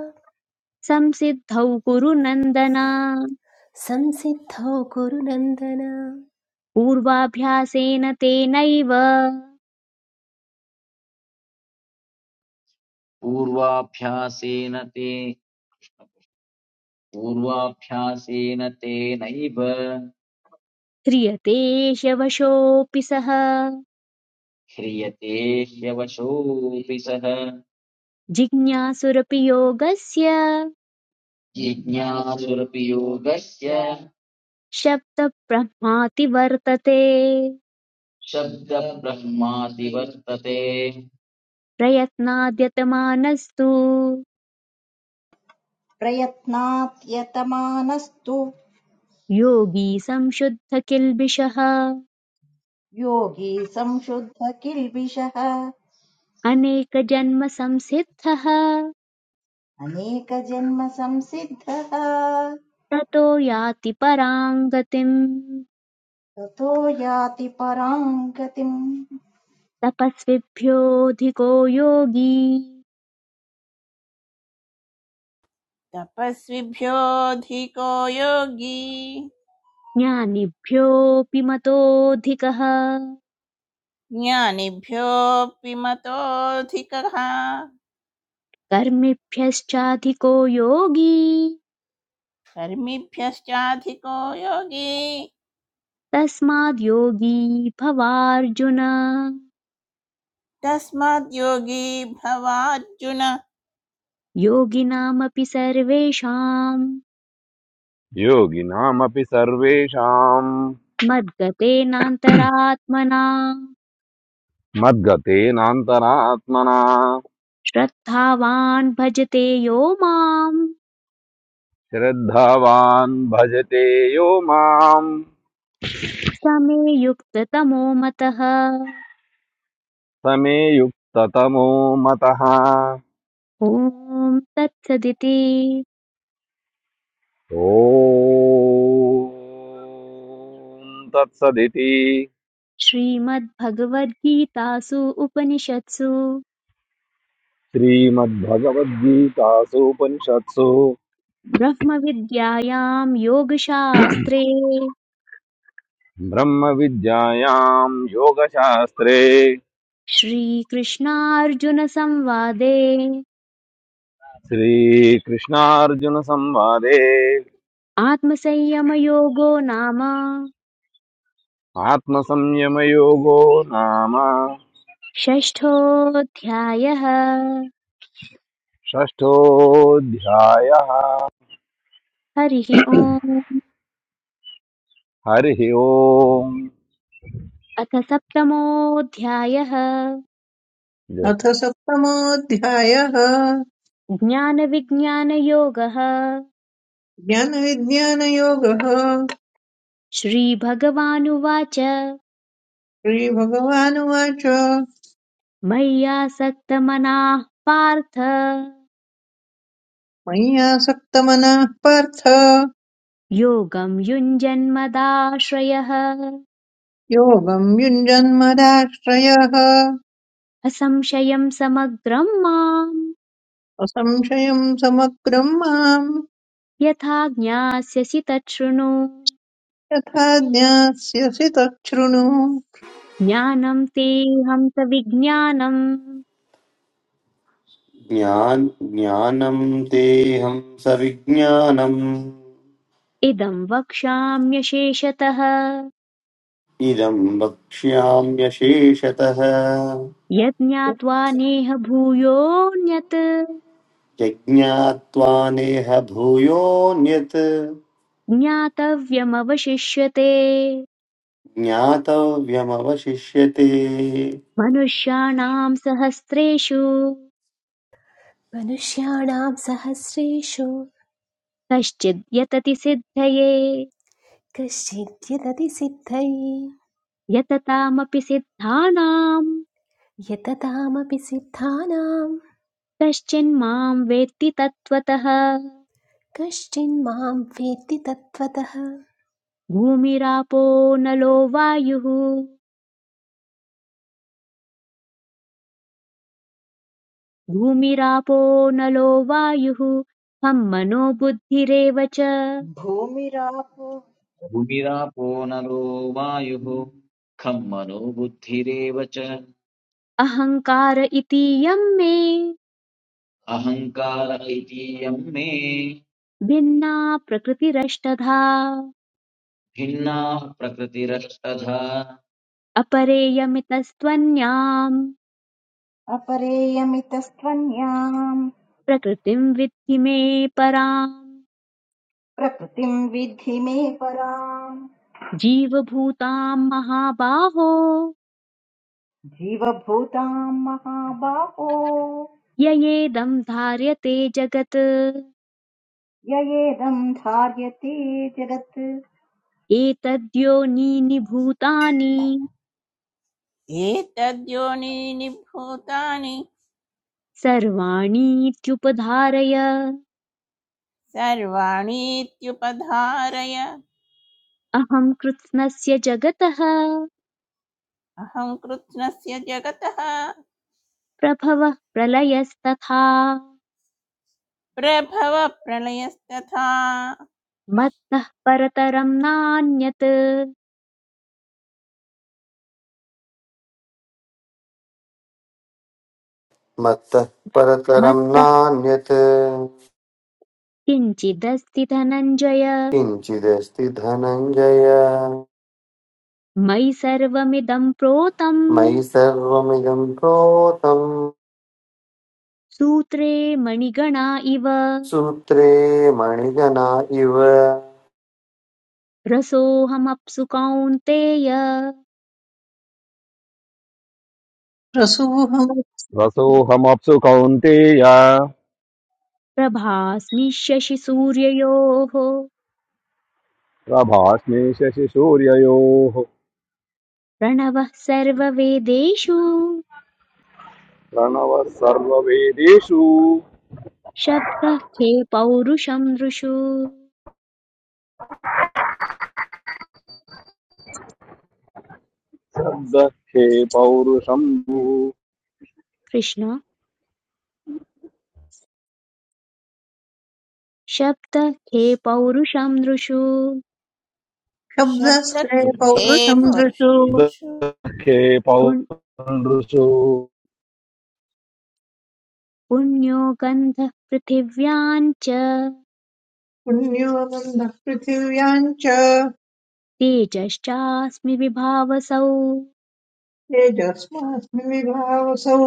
संसिद्धौ कुरु नन्दन संसिद्धौ कुरु पूर्वाभ्यासेन तेनैव पूर्वाभ्यासेन ते पूर्वाभ्यासेन तेनैव क्रियते शवशोऽपि सः ह्रियते ह्यवशोऽपि सः जिज्ञासुरपि योगस्य जिज्ञासुरपि योगस्य शब्दब्रह्माति वर्तते शब्दब्रह्मादिवर्तते प्रयत्नाद्यतमानस्तु प्रयत्नात् यतमानस्तु योगी संशुद्धकिल्बिषः योगी संशुद्ध किल्बिषः अनेकजन्मसंसिद्धः अनेकजन्म संसिद्धः ततो याति परां गतिम् ततो याति पराम् गतिम् तपस्विभ्योऽधिको योगी तपस्विभ्योऽधिको योगी ज्ञानिभ्योऽपि मतोऽधिकः ज्ञानिभ्योऽपि मतोऽधिकः कर्मिभ्यश्चाधिको योगी कर्मिभ्यश्चाधिको योगी तस्माद् योगी भवार्जुन तस्माद्योगी भवार्जुन योगिनामपि सर्वेषाम् योगिनामपि सर्वेशां मद्गतेनान्तरात्मना मतगते नांतरात्मना श्रद्धावान् भजते यो माम् श्रद्धावान् भजते यो मां स मे युक्ततमो मतः समयुक्तातमो मतहा ॐ तत्सदिति ॐ तत्सदिति श्रीमद्भगवद्गीतासु उपनिषत्सु श्रीमद्भगवद्गीतासूपनिषत्सु ब्रह्मविद्यायां योगशास्त्रे ब्रह्मविद्यायां योगशास्त्रे श्रीकृष्णार्जुनसंवादे श्रीकृष्णार्जुनसंवादे आत्मसंयमयोगो नाम आत्मसंयमयोगो नाम षष्ठोऽध्यायः षष्ठोऽध्यायः हरिः ओम् हरिः ओम् अथ सप्तमोऽध्यायः अथ सप्तमोऽध्यायः ज्ञानविज्ञानयोगः ज्ञानविज्ञानयोगः श्रीभगवानुवाच श्रीभगवानुवाच मय्यासक्तमनाः पार्थ मय्यासक्तमनः पार्थ योगं युञ्जन्मदाश्रयः योगम् युञ्जन्मदाश्रयः असंशयं समग्रं माम् असंशयम् समग्रम् माम् यथा ज्ञास्यसि तच्छृणु यथा ज्ञास्यसि तच्छृणु ज्ञानं तेऽहं सविज्ञानम् ज्ञान ज्ञानम् तेऽहम् सविज्ञानम् इदं वक्ष्याम्यशेषतः इदम् वक्ष्याम्यशेषतः यज्ञात्वा नेह भूयोऽन्यत् यज्ञात्वा नेह भूयोऽन्यत् ज्ञातव्यमवशिष्यते ज्ञातव्यमवशिष्यते मनुष्याणाम् सहस्रेषु मनुष्याणां सहस्रेषु कश्चिद् यतति सिद्धये कश्चिद् यदति सिद्धये यततामपि सिद्धानाम् यततामपि सिद्धानां कश्चिन्माम् वेत्ति तत्त्वतः कश्चिन्मां वेत्ति तत्त्वतः भूमिरापो नलो वायुः भूमिरापो नलो वायुः मम मनो बुद्धिरेव च भूमिरापो भूमिरापो नरो वायुः खं मनो बुद्धिरेव च अहङ्कार इतीयं मे अहङ्कार इतीयं मे भिन्ना प्रकृतिरष्टधा भिन्नाः प्रकृतिरस्तथा अपरेयमितस्त्वन्याम् अपरेयमितस्त्वन्याम् प्रकृतिं विद्धि मे पराम् प्रकृतिम् विद्धि मे पराम् जीवभूतां महाबाहो जीवभूताम् महाबाहो ययेदं धार्यते जगत् ययेदम् धार्यते जगत् एतद्योनीनि भूतानि एतद्योनीनि भूतानि सर्वाणीत्युपधारय सर्वाणीत्युपधारय अहं कृत्स्नस्य जगतः अहं कृत्स्नस्य जगतः प्रभवः प्रलयस्तथा प्रभव प्रलयस्तथा मत्तः परतरं नान्यत् मत्तः परतरं मत्तः नान्यत् किञ्चिदस्ति धनञ्जय किञ्चिदस्ति धनञ्जय मयि सर्वमिदं मयि प्रोतम् सर्वमिदं प्रोतं सूत्रे मणिगणा इव सूत्रे मणिजना इव रसोऽहमप्सु कौन्तेय प्रसूहं रसोऽहमप्सु कौन्तेय प्रभास्मि शशिसूर्ययोः प्रभास्मे शशिसूर्ययोः प्रणवः सर्ववेदेषु प्रणव सर्ववेदेषु शब्दः खे पौरुषं नृषु दक्षे पौरुषम् कृष्ण शब्दः खे पौरुषं नृषु शब्दस्य शब्दखे पौरुषं दृशु पौरुषमेषु दक्षे पुण्- पौरुषु पुण्यो गन्धः पृथिव्याम् च पुण्यो बन्धः पृथिव्याम् च तेजश्चास्मि विभावसौ तेजस्मास्मि विभावसौ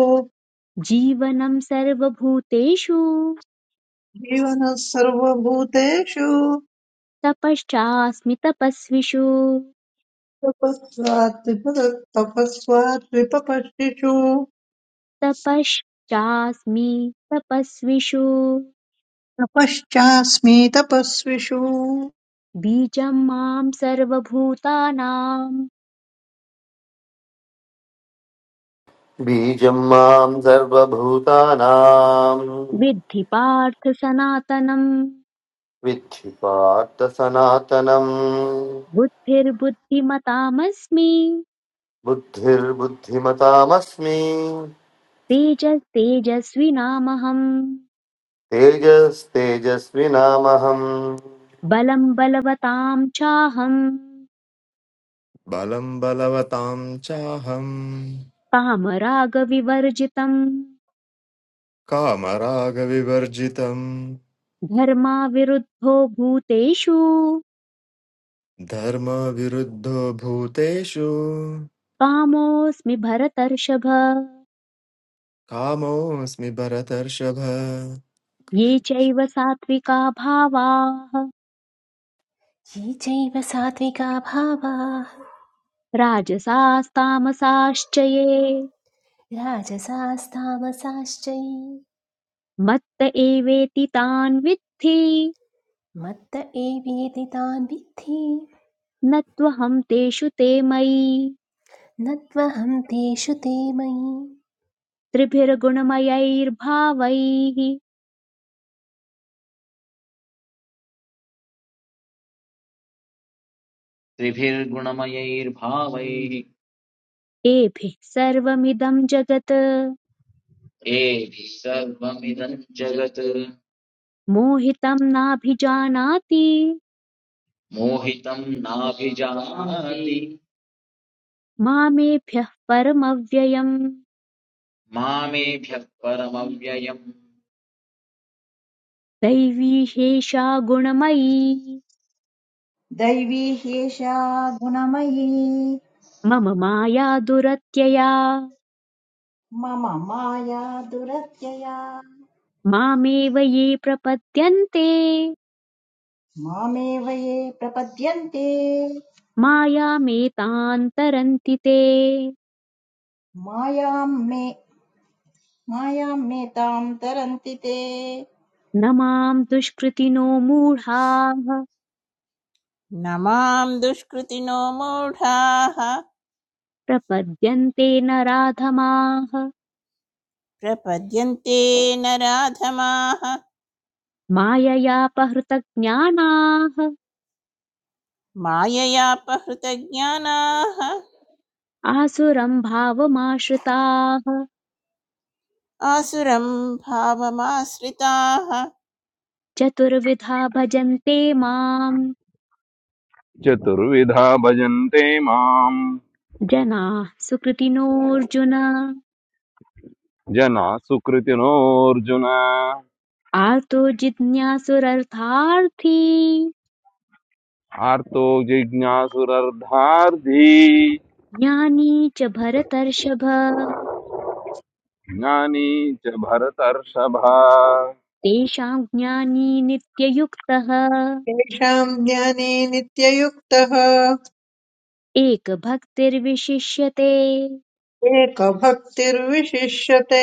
जीवनं सर्वभूतेषु जीवनः सर्वभूतेषु तपश्चास्मि तपस्विषु तपस्वात् विपद- तपस्वात् विपपश्चिषु तपश्चास्मि तपस्विषु तपश्चास्मि तपस्विषु बीजं मां सर्वभूतानां बीजं मां सर्वभूतानां विद्धि पार्थ सनातनम् विद्धि पार्थ सनातनम् बुद्धिर्बुद्धिमतामस्मि बुद्धिर्बुद्धिमतामस्मि तेजस्तेजस्विनामहम् तेजस्तेजस्विनामहम् बलं बलवतां चाहम् बलं बलवतां चाहं कामरागविवर्जितम् कामरागविवर्जितम् धर्माविरुद्धो भूतेषु धर्मविरुद्धो भूतेषु कामोऽस्मि भरतर्षभ कामोऽस्मि भरतर्षभ ये चैव सात्विका भावाः ये चैव सात्विका भावाः राजसास्तामसाश्च ये राजसास्तामसाश्च ये मत्त एवेति तान् विद्धि मत्त एवेति तान् विद्धि न त्वहं तेषु ते मयि न त्वहं तेषु ते मयि त्रिभिर्गुणमयैर्भावैः त्रिभिर्गुणमयैर्भावैः एभिः सर्वमिदं जगत् एभिः सर्वमिदं जगत् मोहितं नाभिजानाति मोहितं नाभिजानाति मामेभ्यः परमव्ययम् मामेभ्यः परमव्ययम् दैवी ह्येषा गुणमयी दैवी ह्येषा गुणमयी मम माया दुरत्यया मम माया दुरत्यया मामेव ये प्रपद्यन्ते मामेव ये प्रपद्यन्ते मायामेतान् तरन्ति ते मायां मे मायां मे तां तरन्ति ते न माम् दुष्कृतिनो मूढाः न दुष्कृतिनो मूढाः प्रपद्यन्ते न राधमाः प्रपद्यन्ते नराधमाः माययापहृतज्ञानाः माययापहृतज्ञानाः आसुरम् भावमाश्रिताः आसुरं भावमाश्रिताः चतुर्विधा भजन्ते माम् चतुर्विधा भजन्ते माम् जनाः सुकृतिनोऽर्जुन जना सुकृतिनोऽर्जुन आर्तो जिज्ञासुरर्थार्थी आर्तो जिज्ञासुरर्धार्धी ज्ञानी च भरतर्षभ ज्ञानी च भरतर्षभा तेषां ज्ञानी नित्ययुक्तः येषाम् ज्ञाने नित्ययुक्तः एकभक्तिर्विशिष्यते एकभक्तिर्विशिष्यते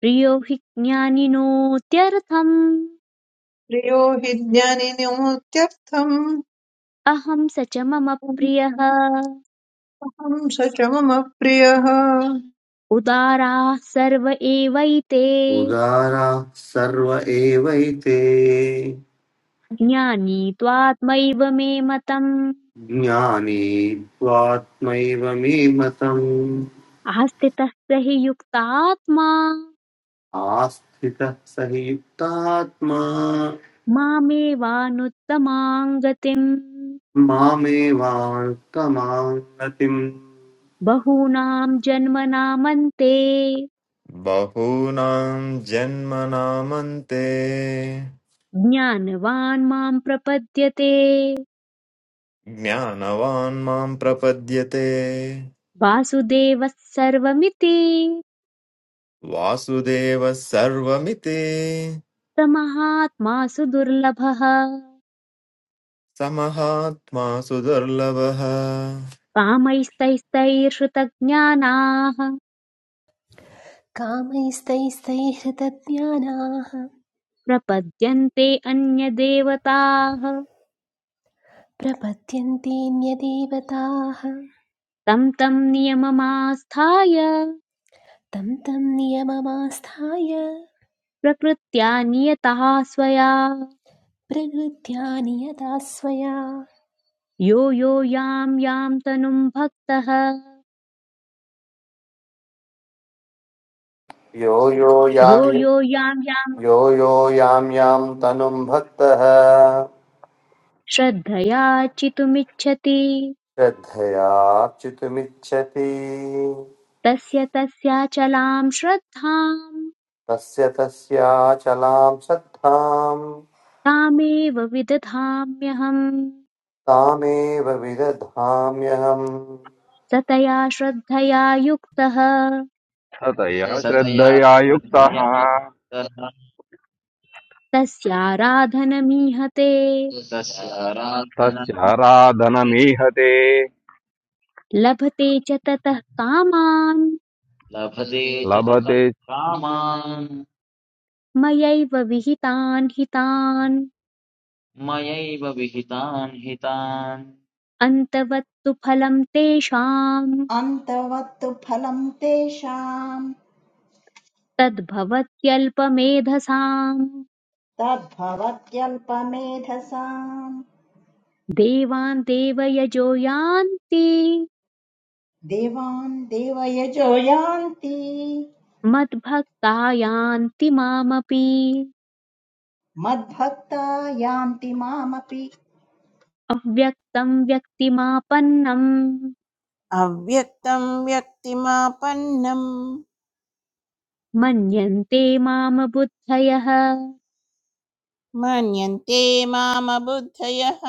प्रियो हि ज्ञानिनोत्यर्थम् प्रियो हि ज्ञानिनोत्यर्थम् अहं स च मम प्रियः अहं स च मम प्रियः उदाराः सर्व एवैते उदारा सर्व एवैते ज्ञानी त्वात्मैव मे मतम् ज्ञानी त्वात्मैव मे मतम् आस्थितः स हि युक्तात्मा आस्थितः स हि युक्तात्मा मामेवानुत्तमां गतिम् मामेवान्तमां बहूनां जन्मनामन्ते बहूनां जन्मनामन्ते ज्ञानवान् मां प्रपद्यते ज्ञानवान् मां प्रपद्यते वासुदेवः सर्वमिति वासुदेवः सर्वमिति प्रमहात्मासु दुर्लभः समहात्मा सुदुर्लभः कामैस्तैस्तैर्हृतज्ञानाः कामैस्तैस्तैहृतज्ञानाः प्रपद्यन्ते अन्यदेवताः प्रपद्यन्ते न्यदेवताः तं तं नियममास्थाय तं तं नियममास्थाय प्रकृत्या नियतः स्वया प्रकृत्या नियता स्वया यो यो यां यां तनुं भक्तः यो यो यो यां यो यां यां यो यो यां यां तनुं भक्तः श्रद्धया चितुमिच्छति श्रद्धयार्चितुमिच्छति तस्य तस्याचलां श्रद्धाम् तस्य तस्याचलां श्रद्धाम् तामेव विदधाम्यहम् तामेव विदधाम्यहम् सतया तया श्रद्धया युक्तः ततया सतया श्रद्धया युक्तः श्रद्धया तथा तस्याराधनमीहते तस्याराधना तस्याराधनमीहते लभते च ततः कामान् लभते च ततः लभते कामान् मयैव विहितान् हितान् मयैव विहितान् हितान् अन्तवत्तु फलम् तेषाम् अन्तवत्तु फलं तेषाम् तद्भवत्यल्पमेधसाम् तद्भवत्यल्पमेधसाम् देवान् देवयजो यान्ति देवान् देवयजो यान्ति मद्भक्ता यान्ति मामपि मद्भक्ता यान्ति मामपि अव्यक्तं व्यक्तिमापन्नं अव्यक्तं व्यक्तिमापन्नम् मन्यन्ते मां बुद्धयः मन्यन्ते मामबुद्धयः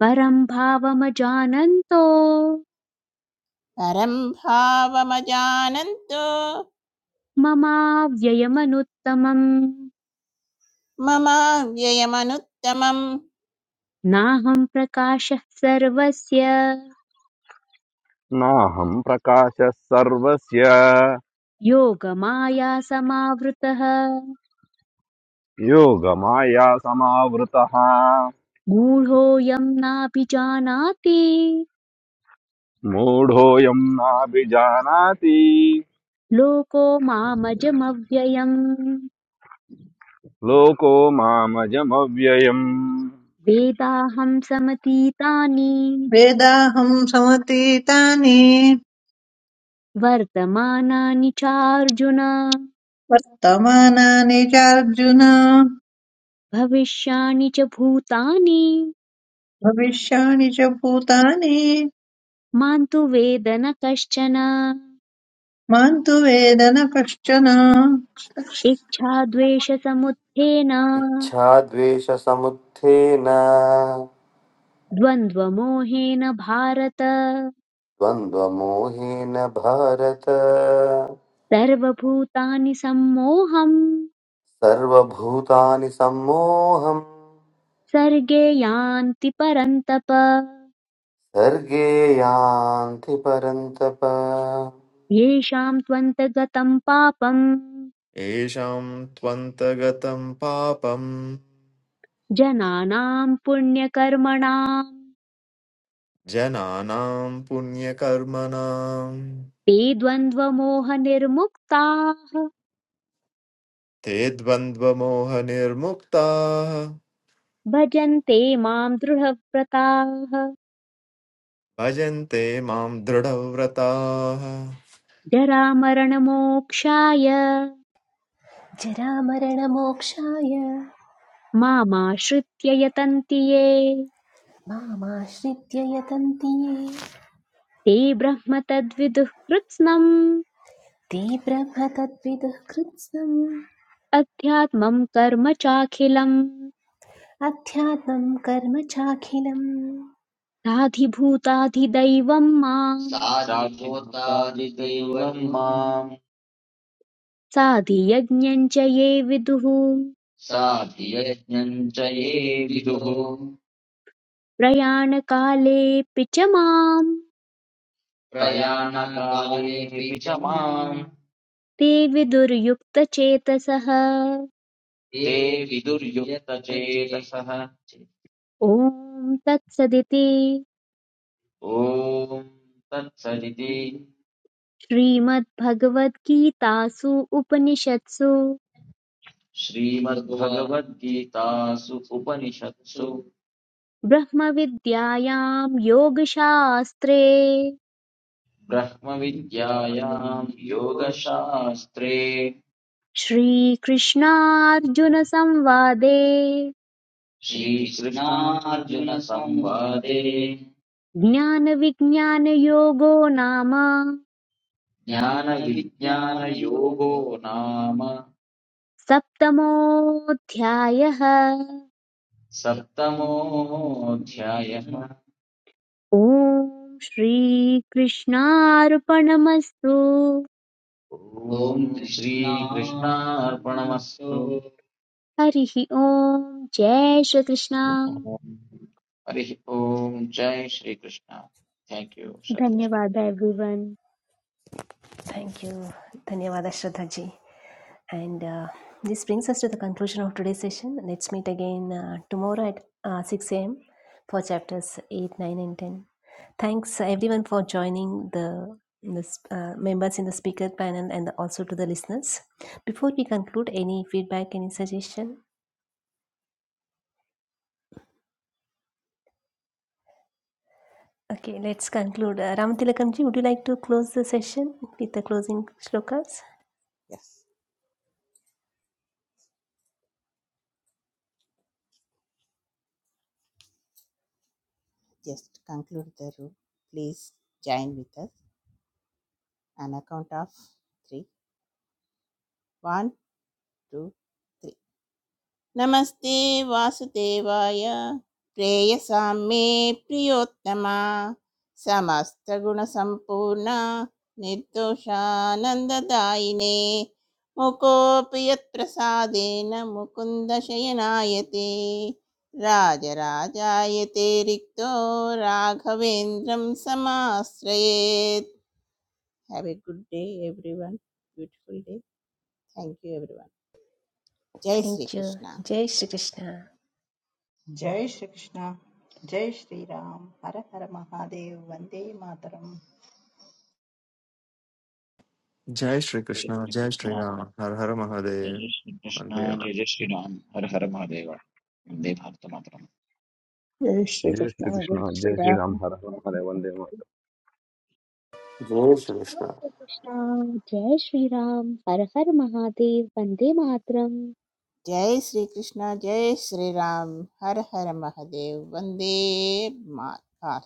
परं भावमजानन्तो परं भावमजानन्तो ममाव्ययमनुत्तमम् ममाव्ययमनुत्तमम् नाहं प्रकाशः सर्वस्य न हम प्रकाश सर्वस्य योगमायासमावृतः योगमाया समावर्ता मूढोऽयं नाभिजानाति मुड़ो यम ना भिजानाति लोको मामजमव्ययम् लोको मामजम व्ययम वेदाहं समतीतानि वेदाहं समतीतानि वर्तमानानि चार्जुन वर्तमानानि चार्जुन भविष्याणि च भूतानि भविष्याणि च भूतानि मां तु वेद न कश्चन मां तु वेद न कश्चन इच्छाद्वेषसमुत्थेन इच्छाद्वेषसमुत्थेन द्वन्द्वमोहेन भारत द्वन्द्वमोहेन भारत सर्वभूतानि सम्मोहम् सर्वभूतानि सम्मोहम् सर्गे यान्ति परन्तप सर्गे यान्ति परन्तप येषां त्वन्तगतम् पापम् येषां त्वन्तगतं पापम् जनानाम् पुण्यकर्मणाम् जनानां पुण्यकर्मणां ते द्वन्द्वमोहनिर्मुक्ताः ते द्वन्द्वमोहनिर्मुक्ताः भजन्ते माम् दृढव्रताः भजन्ते मां दृढव्रताः जरामरणमोक्षाय जरामरणमोक्षाय मामाश्रित्य यतन्ति ये मामाश्रित्य यतन्ति ये ते ब्रह्म तद्विदुः कृत्स्नम् ते ब्रह्मतत्विदुः कृत्स्नम् अध्यात्मम् कर्म चाखिलम् अध्यात्मं कर्म चाखिलम् साधिभूताधिदैवम् माम् साधिभूतादिदैवं माम् साधियज्ञम् च ये विदुः साधियज्ञम् च ये विदुः प्रयाणकालेऽपि च माम् प्रयाणकालेऽपि च माम् ते विदुर्युक्तचेतसः ते विदुर्युक्तचेतसः ॐ तत्सदिति ॐ तत्सदिति श्रीमद्भगवद्गीतासु उपनिषत्सु श्रीमद्भगवद्गीतासु उपनिषत्सु ब्रह्मविद्यायां योगशास्त्रे ब्रह्मविद्यायाम् योगशास्त्रे श्रीकृष्णार्जुनसंवादे श्रीकृष्णार्जुनसंवादे ज्ञानविज्ञानयोगो नाम ज्ञानविज्ञानयोगो नाम सप्तमोऽध्यायः सप्तमोऽध्यायः ॐ श्रीकृष्णार्पणमस्तु ॐ श्रीकृष्णार्पणमस्तु हरिः ॐ जय श्रीकृष्ण ओम हरिः ॐ जय श्रीकृष्ण थैंक यू श्रद्धा जी धन्यवाद everyone Thank you. Dhanyavada Shraddha ji. And uh, this brings us to the conclusion of today's session. Let's meet again uh, tomorrow at uh, 6 a.m. for chapters 8, 9, and 10. Thanks uh, everyone for joining the, the uh, members in the speaker panel and also to the listeners. Before we conclude, any feedback, any suggestion? Okay, let's conclude. Uh, Ramatilakamji, would you like to close the session with the closing shlokas? yes just conclude the room please join with us on account of three one two three नमस्ते वासुदेवाय प्रेयसां मे प्रियोत्तमा समस्तगुणसम्पूर्णा निर्दोषानन्ददायिने मुकोऽपि यत्प्रसादेन मुकुन्दशयनायते राजराजायते रिक्तो राघवेन्द्रं समाश्रयेत् have a good day everyone beautiful day thank you every जय Thank you. Shrikrishna Jai Shri Krishna. जय श्रीकृष्ण जय श्रीराम हर हर महादेव वन्दे मातरम् जय जय श्रीकृष्ण श्री जय कृष्ण श्रीराम हर हर जय महादेव जय श्री कृष्ण वन्दे मातरम्। जय जय श्रीराम हर हर महादेव वन्दे भारतमातरम् जय श्रीकृष्ण जय श्रीकृष्ण राम कृष्ण जय श्री राम हर हर महादेव वंदे मातरम जय श्री कृष्ण जय श्री राम हर हर महादेव वंदे मातरम